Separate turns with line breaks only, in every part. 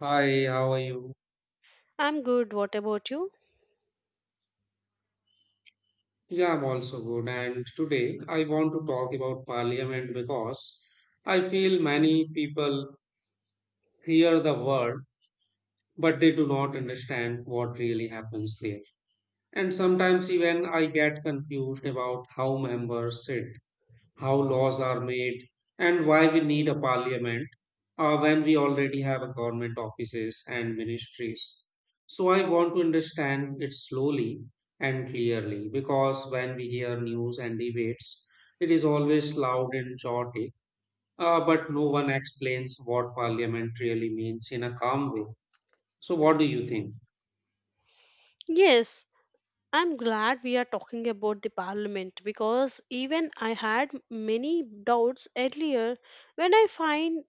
Hi, how are you?
I'm good. What about you?
Yeah, I'm also good. And today I want to talk about parliament because I feel many people hear the word, but they do not understand what really happens there. And sometimes even I get confused about how members sit, how laws are made, and why we need a parliament when we already have a government offices and ministries. So I want to understand it slowly and clearly, because when we hear news and debates, it is always loud and chaotic, but no one explains what parliament really means in a calm way. So what do you think?
Yes, I'm glad we are talking about the parliament because even I had many doubts earlier. When I find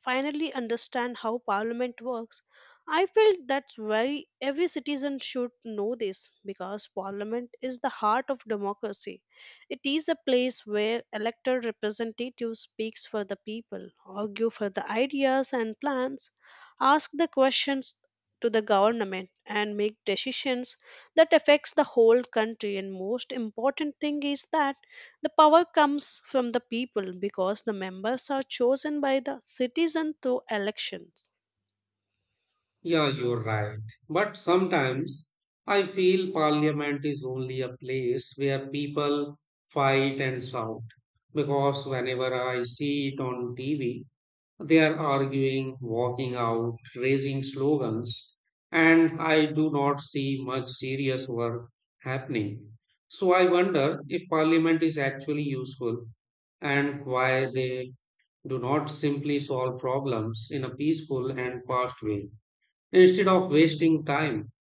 finally understand how parliament works, I felt that's why every citizen should know this because parliament is the heart of democracy. It is a place where elected representatives speaks for the people, argue for the ideas and plans, ask the questions to the government and make decisions that affects the whole country and most important thing is that the power comes from the people because the members are chosen by the citizen through elections.
Yeah, you're right. But sometimes I feel parliament is only a place where people fight and shout. Because whenever I see it on TV, they are arguing, walking out, raising slogans, and I do not see much serious work happening. So I wonder if parliament is actually useful and why they do not simply solve problems in a peaceful and fast way, instead of wasting time.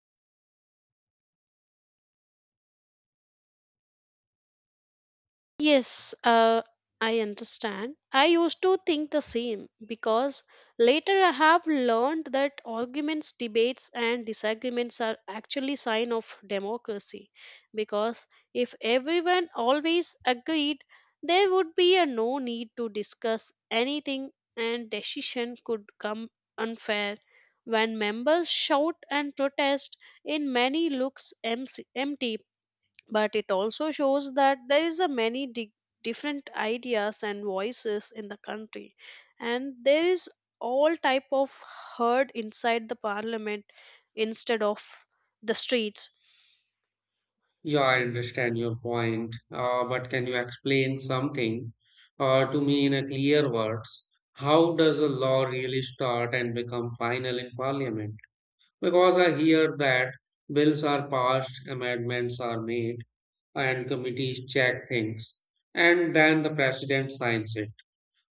Yes, I understand. I used to think the same because later I have learned that arguments, debates, and disagreements are actually sign of democracy. Because if everyone always agreed, there would be a no need to discuss anything, and decision could come unfair. When members shout and protest, in many looks empty, but it also shows that there is a many different ideas and voices in the country and there is all type of heard inside the parliament instead of the streets.
Yeah, I understand your point, but can you explain something to me in a clear words? How does a law really start and become final in parliament? Because I hear that bills are passed, amendments are made, and committees check things, and then the president signs it.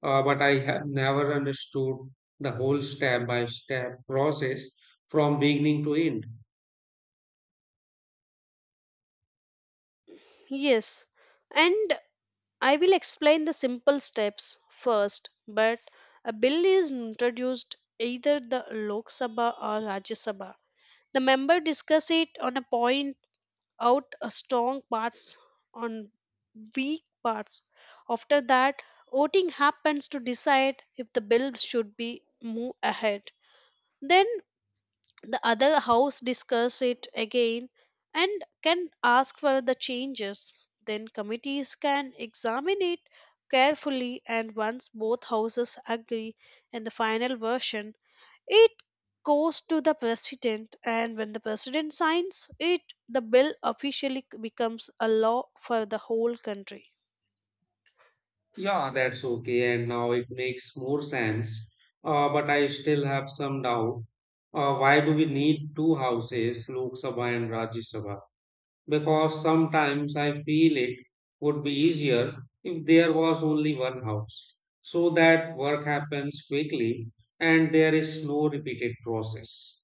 But I have never understood the whole step by step process from beginning to end.
Yes, and I will explain the simple steps first but a bill is introduced either the Lok Sabha or Rajya Sabha. The member discuss it on a point out strong parts on weak parts. After that, voting happens to decide if the bill should be moved ahead. Then the other house discuss it again and can ask for the changes. Then committees can examine it carefully and once both houses agree and the final version it goes to the president and when the president signs it the bill officially becomes a law for the whole country.
Yeah, that's okay, and now it makes more sense. But I still have some doubt. Why do we need two houses, Lok Sabha and Rajya Sabha? Because sometimes I feel it would be easier if there was only one house, so that work happens quickly and there is no repeated process.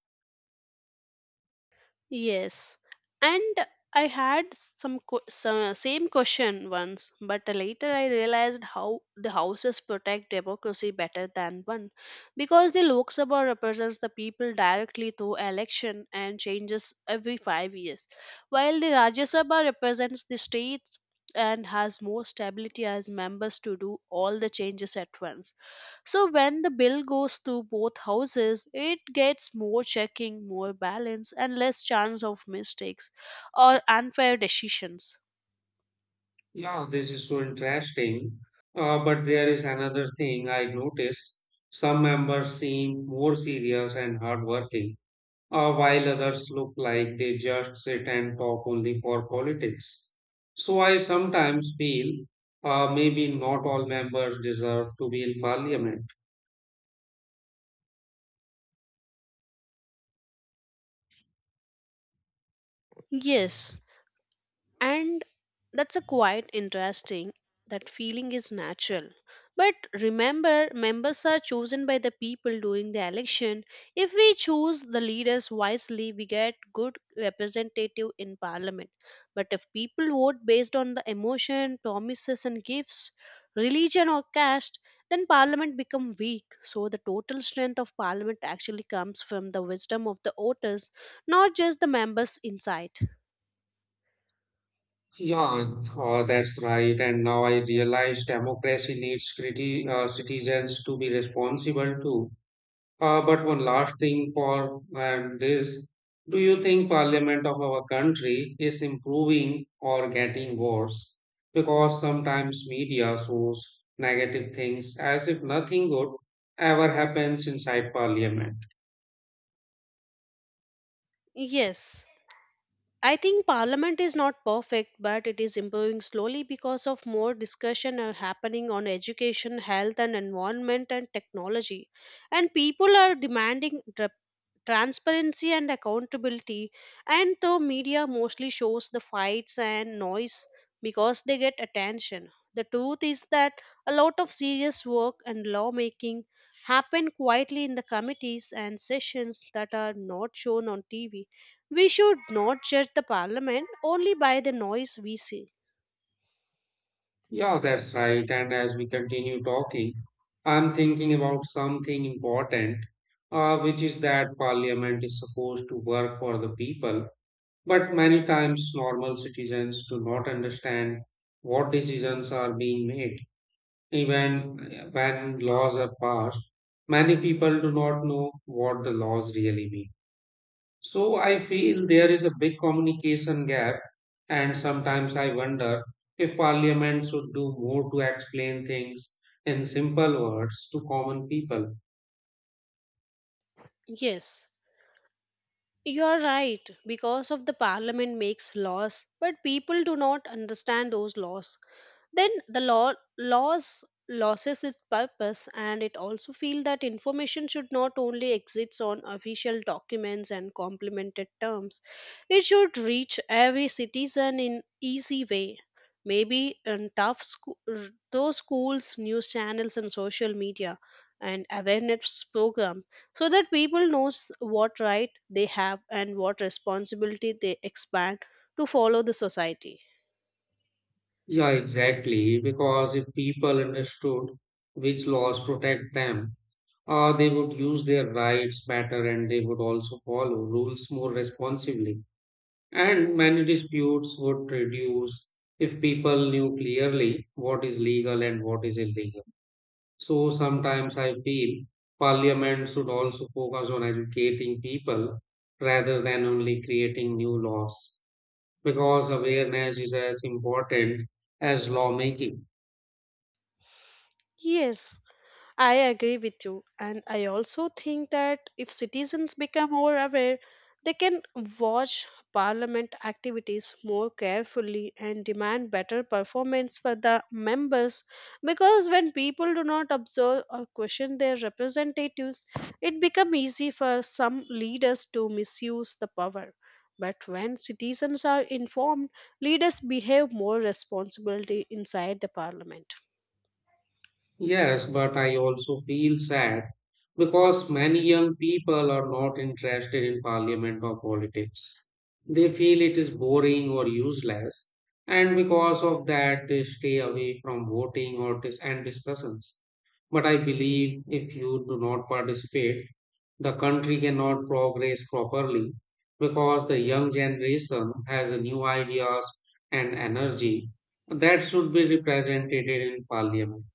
Yes, and I had some same question once, but later I realized how the houses protect democracy better than one, because the Lok Sabha represents the people directly through election and changes every 5 years, while the Rajya Sabha represents the states and has more stability as members to do all the changes at once, so when the bill goes to both houses, it gets more checking, more balance, and less chance of mistakes or unfair decisions.
Yeah, this is so interesting. But there is another thing I noticed. Some members seem more serious and hardworking, while others look like they just sit and talk only for politics. So I sometimes feel maybe not all members deserve to be in parliament.
Yes, and that's a quite interesting, that feeling is natural but remember members are chosen by the people during the election. If we choose the leaders wisely we get good representative in parliament, but if people vote based on the emotion, promises and gifts, religion or caste, then parliament become weak. So the total strength of parliament actually comes from the wisdom of the voters, not just the members inside.
Yeah, that's right. And now I realize democracy needs citizens to be responsible too. But one last thing for and this, do you think Parliament of our country is improving or getting worse? Because sometimes media shows negative things as if nothing good ever happens inside Parliament.
Yes, I think Parliament is not perfect, but it is improving slowly because of more discussion are happening on education, health, and environment and technology. And people are demanding transparency and accountability. And the media mostly shows the fights and noise because they get attention. The truth is that a lot of serious work and lawmaking happen quietly in the committees and sessions that are not shown on TV. We should not judge the parliament only by the noise we see.
Yeah, that's right. And as we continue talking, I'm thinking about something important, which is that Parliament is supposed to work for the people. But many times, normal citizens do not understand what decisions are being made. Even when laws are passed, many people do not know what the laws really mean. So I feel there is a big communication gap, and sometimes I wonder if parliament should do more to explain things in simple words to common people.
Yes, you're right, because of the parliament makes laws, but people do not understand those laws. Then the laws loses its purpose and it also feel that information should not only exist on official documents and complemented terms. It should reach every citizen in easy way. Maybe in tough school, those schools, news channels and social media and awareness programs so that people knows what right they have and what responsibility they expand to follow the society.
Yeah, exactly. Because if people understood which laws protect them, they would use their rights better, and they would also follow rules more responsibly. And many disputes would reduce if people knew clearly what is legal and what is illegal. So sometimes I feel parliament should also focus on educating people rather than only creating new laws, because awareness is as important as lawmaking.
Yes, I agree with you. And I also think that if citizens become more aware, they can watch parliament activities more carefully and demand better performance for the members. Because when people do not observe or question their representatives, it becomes easy for some leaders to misuse the power. But when citizens are informed, leaders behave more responsibility inside the parliament.
Yes, but I also feel sad because many young people are not interested in parliament or politics. They feel it is boring or useless, and because of that, they stay away from voting or and discussions. But I believe if you do not participate, the country cannot progress properly, because the young generation has a new ideas and energy that should be represented in parliament.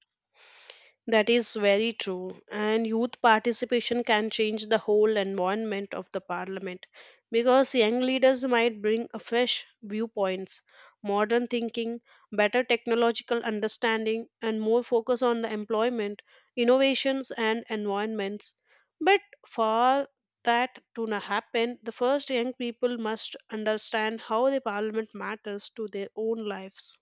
That is very true. And youth participation can change the whole environment of the parliament because young leaders might bring a fresh viewpoints, modern thinking, better technological understanding, and more focus on the employment, innovations, and environments. But for that to happen, the first young people must understand how the parliament matters to their own lives.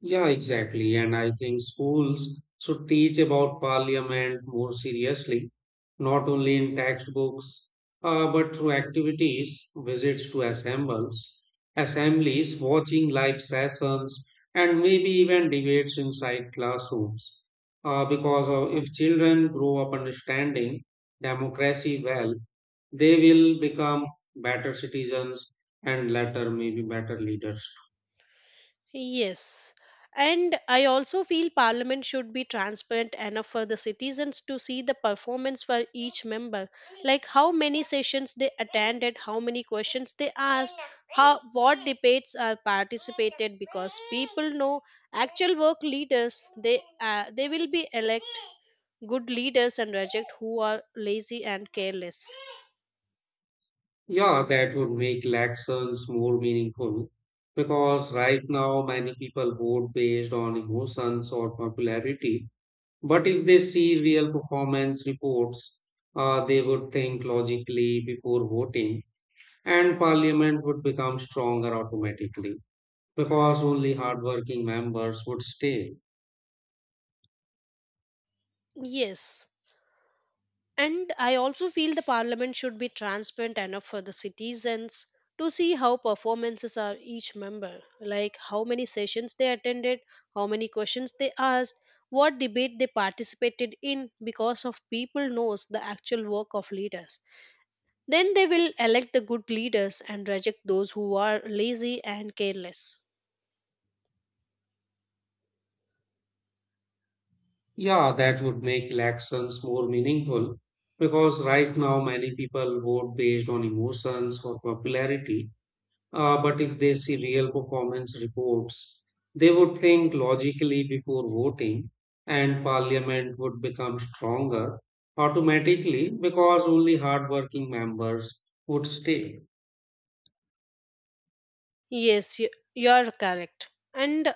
Yeah, exactly. And I think schools should teach about parliament more seriously, not only in textbooks, but through activities, visits to assemblies, watching live sessions, and maybe even debates inside classrooms. Because if children grow up understanding democracy well, they will become better citizens and later maybe better leaders.
Yes. And I also feel Parliament should be transparent enough for the citizens to see the performance for each member, like how many sessions they attended, how many questions they asked, how what debates are participated. Because people know actual work leaders, they will be elect good leaders and reject who are lazy and careless.
Yeah, that would make elections more meaningful because right now many people vote based on emotions or popularity. But if they see real performance reports, they would think logically before voting, and parliament would become stronger automatically because only hardworking members would stay.
Yes. And I also feel the parliament should be transparent enough for the citizens to see how performances are each member, like how many sessions they attended, how many questions they asked, what debate they participated in because of people knows the actual work of leaders. Then they will elect the good leaders and reject those who are lazy and careless.
Yeah, that would make elections more meaningful because right now many people vote based on emotions or popularity. But if they see real performance reports, they would think logically before voting, and parliament would become stronger automatically because only hardworking members would stay.
Yes, you are correct. And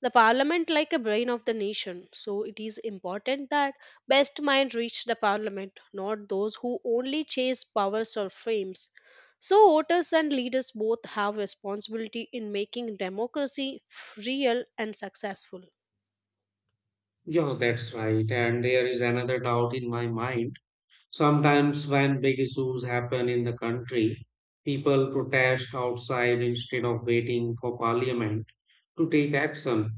the parliament like a brain of the nation so it is important that best mind reach the parliament, not those who only chase powers or frames. So voters and leaders both have responsibility in making democracy real and successful.
Yeah, that's right. And there is another doubt in my mind. Sometimes, when big issues happen in the country, people protest outside instead of waiting for parliament to take action.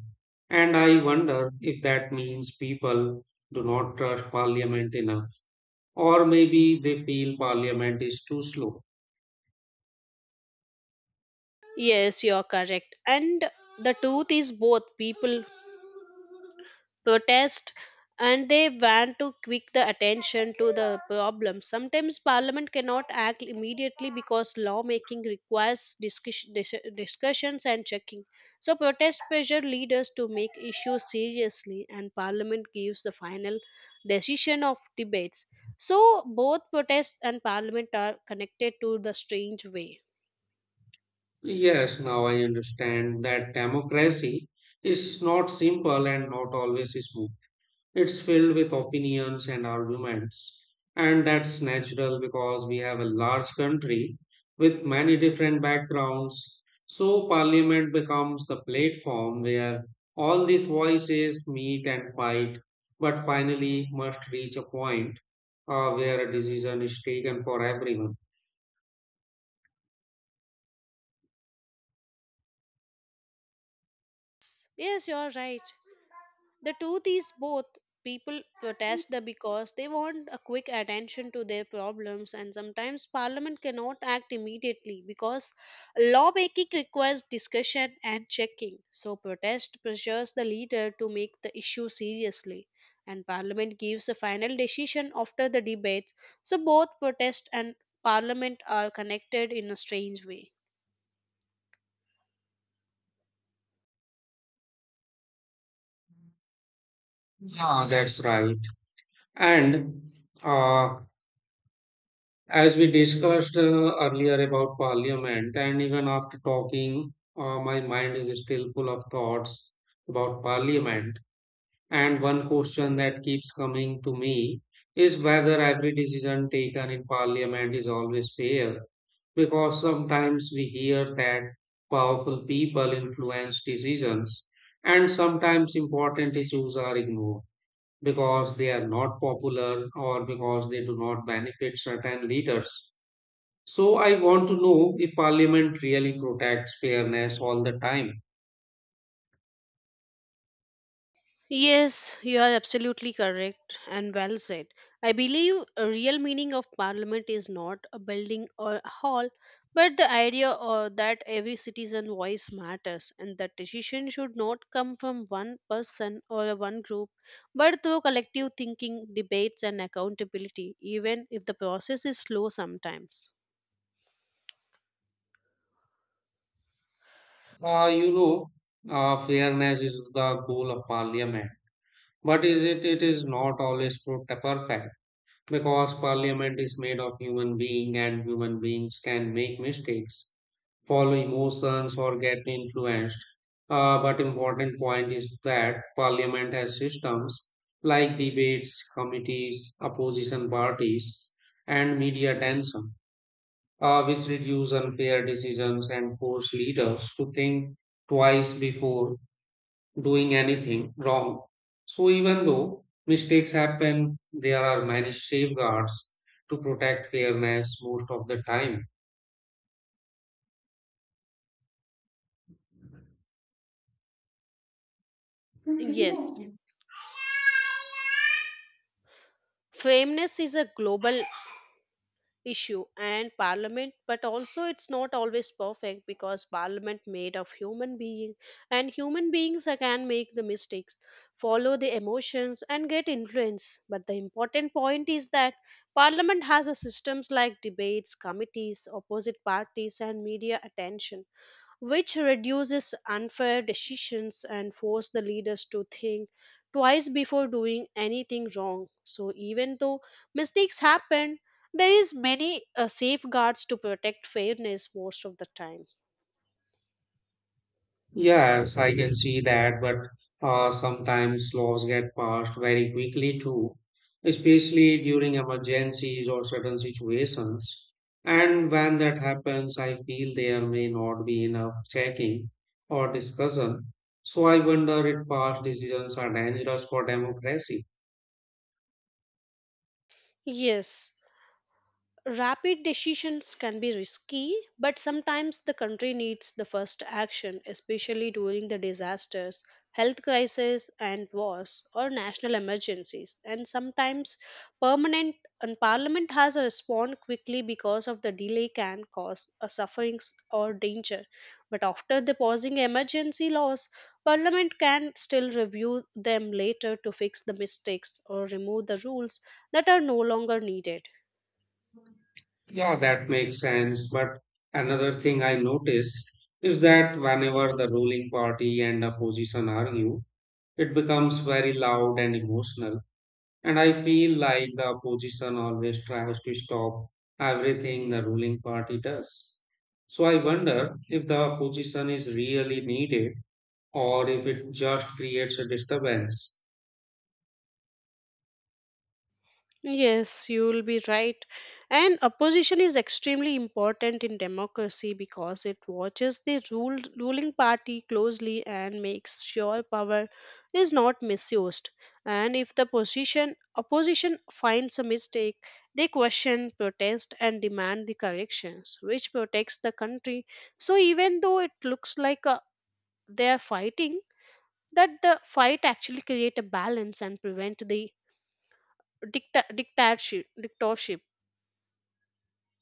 And I wonder if that means people do not trust Parliament enough, or maybe they feel Parliament is too slow.
Yes, you are correct, and the truth is both people protest and they want to quick the attention to the problem. Sometimes parliament cannot act immediately because lawmaking requires discussions and checking. So protest pressure leaders to make issues seriously and parliament gives the final decision of debates, so both protest and parliament are connected to the strange way.
Yes, now I understand that democracy is not simple and not always smooth. It's filled with opinions and arguments, and that's natural because we have a large country with many different backgrounds. So, parliament becomes the platform where all these voices meet and fight, but finally must reach a point where a decision is taken for everyone.
Yes, you're right. The truth is, both people protest the because they want a quick attention to their problems, and sometimes Parliament cannot act immediately because lawmaking requires discussion and checking. So, protest pressures the leader to make the issue seriously, and Parliament gives a final decision after the debates. So, both protest and Parliament are connected in a strange way.
Yeah, that's right. And uh, as we discussed earlier about Parliament, and even after talking, my mind is still full of thoughts about Parliament. And one question that keeps coming to me is whether every decision taken in Parliament is always fair. Because sometimes we hear that powerful people influence decisions, and sometimes important issues are ignored because they are not popular or because they do not benefit certain leaders. So I want to know if Parliament really protects fairness all the time.
Yes, you are absolutely correct and well said. I believe a real meaning of parliament is not a building or a hall, but the idea or that every citizen voice matters and that decision should not come from one person or one group, but through collective thinking, debates and accountability, even if the process is slow sometimes.
Uh, you know, Fairness is the goal of Parliament, but is it? It is not always perfect because Parliament is made of human being, and human beings can make mistakes, follow emotions, or get influenced. But important point is that Parliament has systems like debates, committees, opposition parties, and media attention, which reduce unfair decisions and force leaders to think twice before doing anything wrong. So, even though mistakes happen, there are many safeguards to protect fairness most of the time.
Yes. Fairness is a global issue and parliament but also it's not always perfect because parliament made of human being and human beings can make the mistakes, follow the emotions and get influence. But the important point is that parliament has a systems like debates, committees, opposite parties and media attention, which reduces unfair decisions and force the leaders to think twice before doing anything wrong. So even though mistakes happen there is many safeguards to protect fairness most of the time.
Yes, I can see that, but sometimes laws get passed very quickly too, especially during emergencies or certain situations. And when that happens, I feel there may not be enough checking or discussion. So I wonder if fast decisions are dangerous for democracy.
Yes, rapid decisions can be risky, but sometimes the country needs the first action, especially during the disasters, health crises, and wars or national emergencies. And sometimes permanent and parliament has to respond quickly because of the delay can cause a sufferings or danger. But after the pausing emergency laws, parliament can still review them later to fix the mistakes or remove the rules that are no longer needed.
Yeah, that makes sense. But another thing I notice is that whenever the ruling party and opposition argue, it becomes very loud and emotional. And I feel like the opposition always tries to stop everything the ruling party does. So I wonder if the opposition is really needed, or if it just creates a disturbance.
Yes, you will be right. And opposition is extremely important in democracy because it watches ruling party closely and makes sure power is not misused. And if opposition finds a mistake, they question, protest, and demand the corrections, which protects the country. So even though it looks like they are fighting, that the fight actually create a balance and prevent the dictatorship.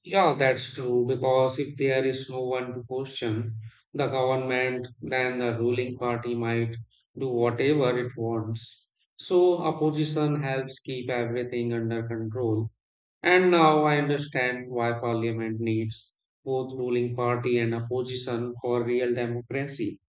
Yeah, that's true, because if there is no one to question the government, then the ruling party might do whatever it wants. So opposition helps keep everything under control. And now I understand why parliament needs both ruling party and opposition for real democracy.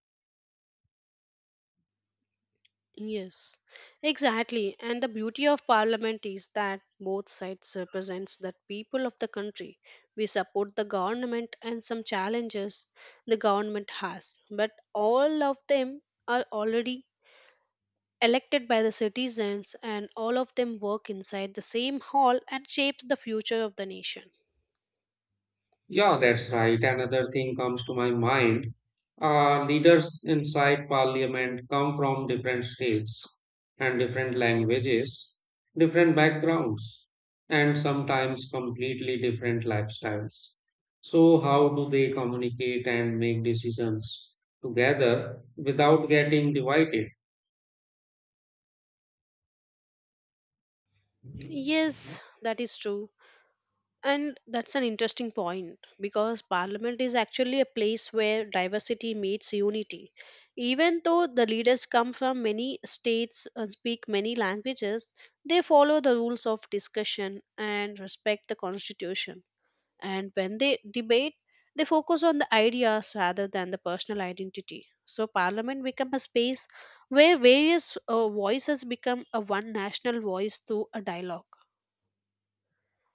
Yes, exactly. And the beauty of parliament is that both sides represents the people of the country. We support the government and some challenges the government has, but all of them are already elected by the citizens and all of them work inside the same hall and shapes the future of the nation.
Yeah, that's right. Another thing comes to my mind. Leaders inside parliament come from different states and different languages, different backgrounds, and sometimes completely different lifestyles. So, how do they communicate and make decisions together without getting divided?
Yes, that is true. And that's an interesting point because parliament is actually a place where diversity meets unity. Even though the leaders come from many states and speak many languages, they follow the rules of discussion and respect the constitution. And when they debate, they focus on the ideas rather than the personal identity. So parliament becomes a space where various voices become a one national voice through a dialogue.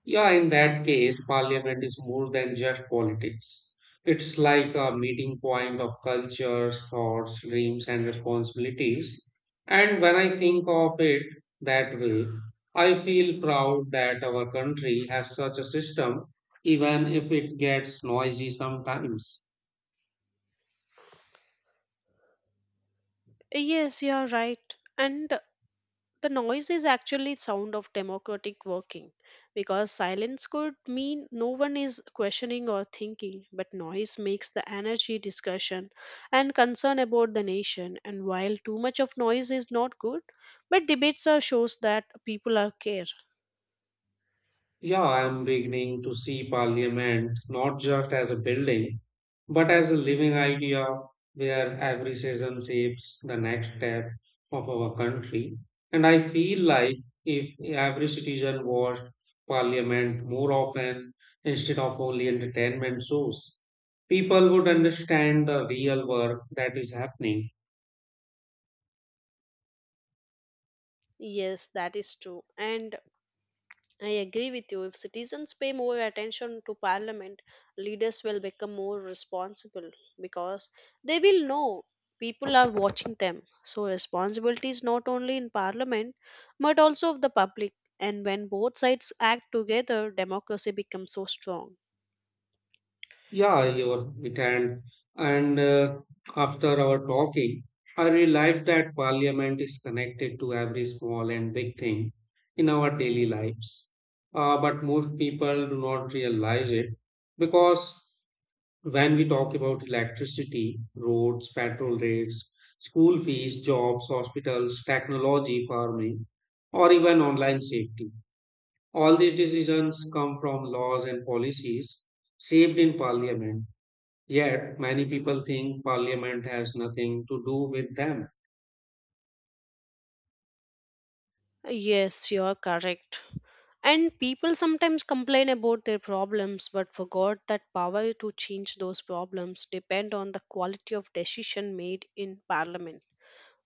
Yeah, in that case, parliament is more than just politics. It's like a meeting point of cultures, thoughts, dreams, and responsibilities. And when I think of it that way, I feel proud that our country has such a system, even if it gets noisy sometimes.
Yes, you are right. And the noise is actually sound of democratic working because silence could mean no one is questioning or thinking, but noise makes the energy discussion and concern about the nation, and while too much of noise is not good, but debates are shows that people are care.
Yeah, I am beginning to see Parliament not just as a building, but as a living idea where every season shapes the next step of our country. And I feel like if every citizen watched Parliament more often instead of only entertainment shows, people would understand the real work that is happening.
Yes, that is true, and I agree with you. If citizens pay more attention to parliament, leaders will become more responsible because they will know people are watching them. So, responsibility is not only in parliament but also of the public. And when both sides act together, democracy becomes so strong.
Yeah, you're it and After our talking, I realized that parliament is connected to every small and big thing in our daily lives. But most people do not realize it because when we talk about electricity, roads, petrol rates, school fees, jobs, hospitals, technology, farming, or even online safety, all these decisions come from laws and policies shaped in parliament. Yet many people think parliament has nothing to do with them.
Yes, you are correct. And people sometimes complain about their problems but forgot that power to change those problems depend on the quality of decision made in parliament.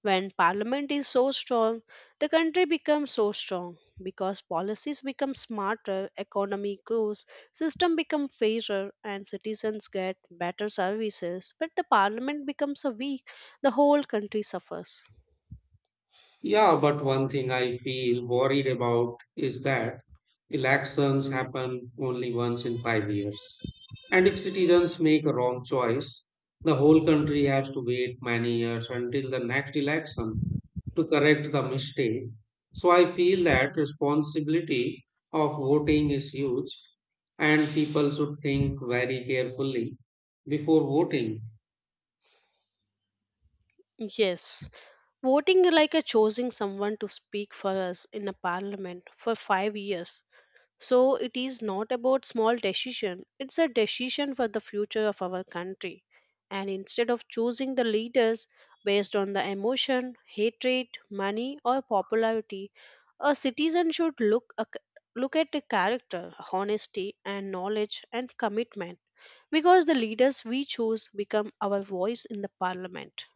When parliament is so strong, the country becomes so strong because policies become smarter, economy grows, system become fairer, and citizens get better services. But the parliament becomes a weak, the whole country suffers.
Yeah, but one thing I feel worried about is that elections happen only once in 5 years. And if citizens make a wrong choice, the whole country has to wait many years until the next election to correct the mistake. So I feel that responsibility of voting is huge, and people should think very carefully before voting.
Yes, voting like a choosing someone to speak for us in a parliament for 5 years. So it is not about small decision. It's a decision for the future of our country. And instead of choosing the leaders based on the emotion, hatred, money or popularity, a citizen should look at the character, honesty and knowledge and commitment, because the leaders we choose become our voice in the parliament.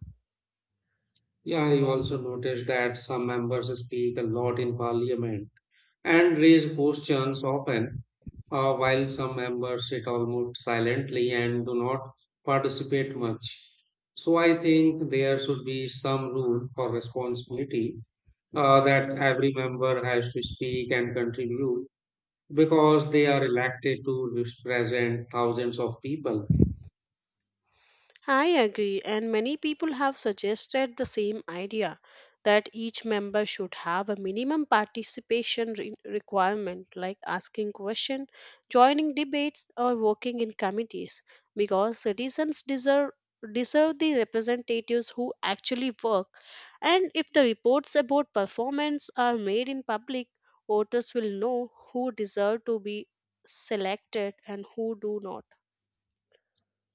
Yeah, I also noticed that some members speak a lot in parliament and raise questions often, while some members sit almost silently and do not participate much. So I think there should be some rule for responsibility, that every member has to speak and contribute because they are elected to represent thousands of people.
I agree, and many people have suggested the same idea that each member should have a minimum participation requirement, like asking questions, joining debates, or working in committees, because citizens deserve the representatives who actually work, and if the reports about performance are made in public, voters will know who deserve to be selected and who do not.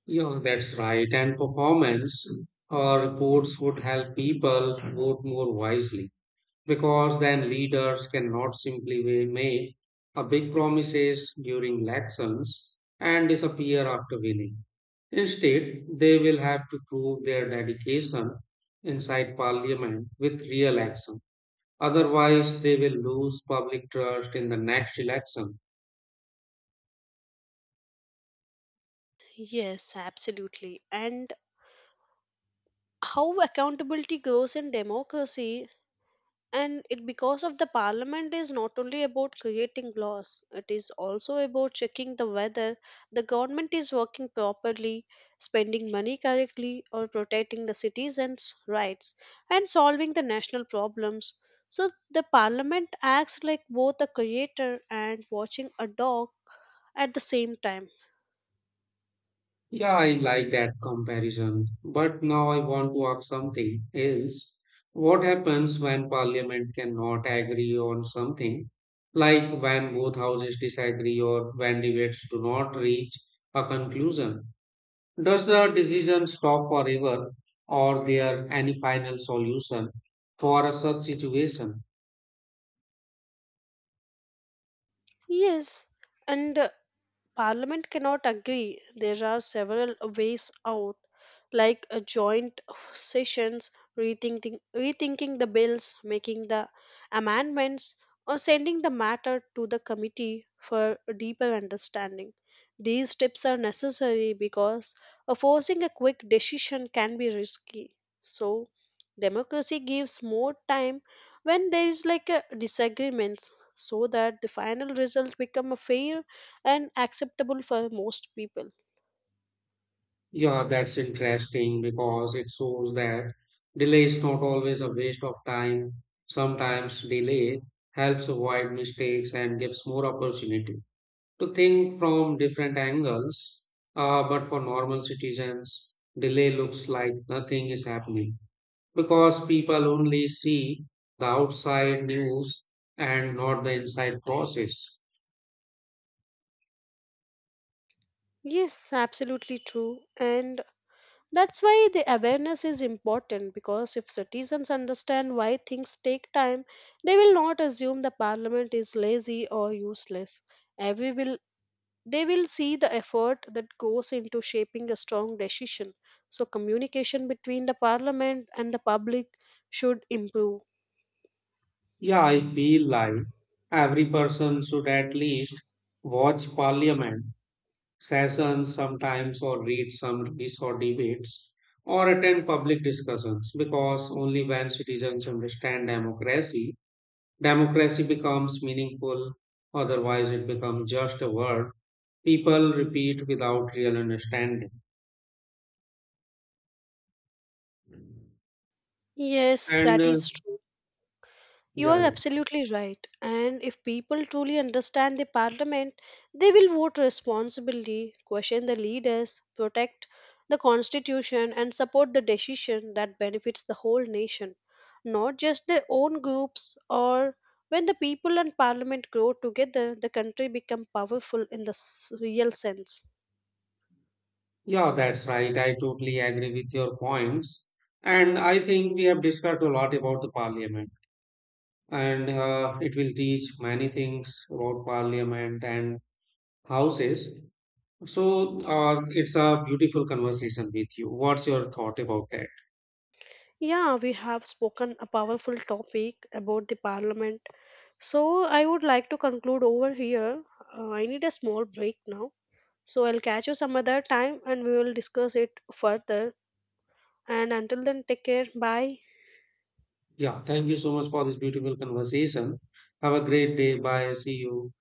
Yeah, that's right. And performance reports would help people vote more wisely because then leaders cannot simply make a big promises during elections and disappear after winning. Instead, they will have to prove their dedication inside parliament with real action. Otherwise, they will lose public trust in the next election.
Yes, absolutely, and how accountability grows in democracy, and it because of the parliament is not only about creating laws, it is also about checking the whether the government is working properly, spending money correctly, or protecting the citizens rights and solving the national problems. So the parliament acts like both a creator and watching a dog at the same time.
Yeah, I like that comparison. But now I want to ask something else. What happens when parliament cannot agree on something, like when both houses disagree or when debates do not reach a conclusion? Does the decision stop forever, or there any final solution for a such situation?
Yes, and Parliament cannot agree. There are several ways out, like a joint sessions, rethinking the bills, making the amendments, or sending the matter to the committee for a deeper understanding. These steps are necessary because forcing a quick decision can be risky. So, democracy gives more time when there is like a disagreements, so that the final result become a fair and acceptable for most people.
Yeah, that's interesting because it shows that delay is not always a waste of time. Sometimes delay helps avoid mistakes and gives more opportunity to think from different angles. But for normal citizens, delay looks like nothing is happening because people only see the outside news and not the inside process.
Yes, absolutely true. And that's why the awareness is important because if citizens understand why things take time, they will not assume the parliament is lazy or useless. Every will They will see the effort that goes into shaping a strong decision. So communication between the parliament and the public should improve.
Yeah, I feel like every person should at least watch Parliament sessions sometimes, or read summaries or debates, or attend public discussions, because only when citizens understand democracy, democracy becomes meaningful. Otherwise, it becomes just a word people repeat without real understanding.
Yes,
And
that
uh,
is true. You are
yeah,
absolutely right. And if people truly understand the parliament, they will vote responsibly, question the leaders, protect the constitution, and support the decision that benefits the whole nation, not just their own groups. Or when the people and parliament grow together, the country become powerful in the real sense.
yeah, that's right. I totally agree with your points. And I think we have discussed a lot about the parliament, and it will teach many things about parliament and houses. So it's a beautiful conversation with you. What's your thought about that?
Yeah, we have spoken a powerful topic about the parliament. So I would like to conclude over here. I need a small break now. So I'll catch you some other time and we will discuss it further. And until then, take care. Bye.
Yeah, thank you so much for this beautiful conversation. Have a great day. Bye. See you.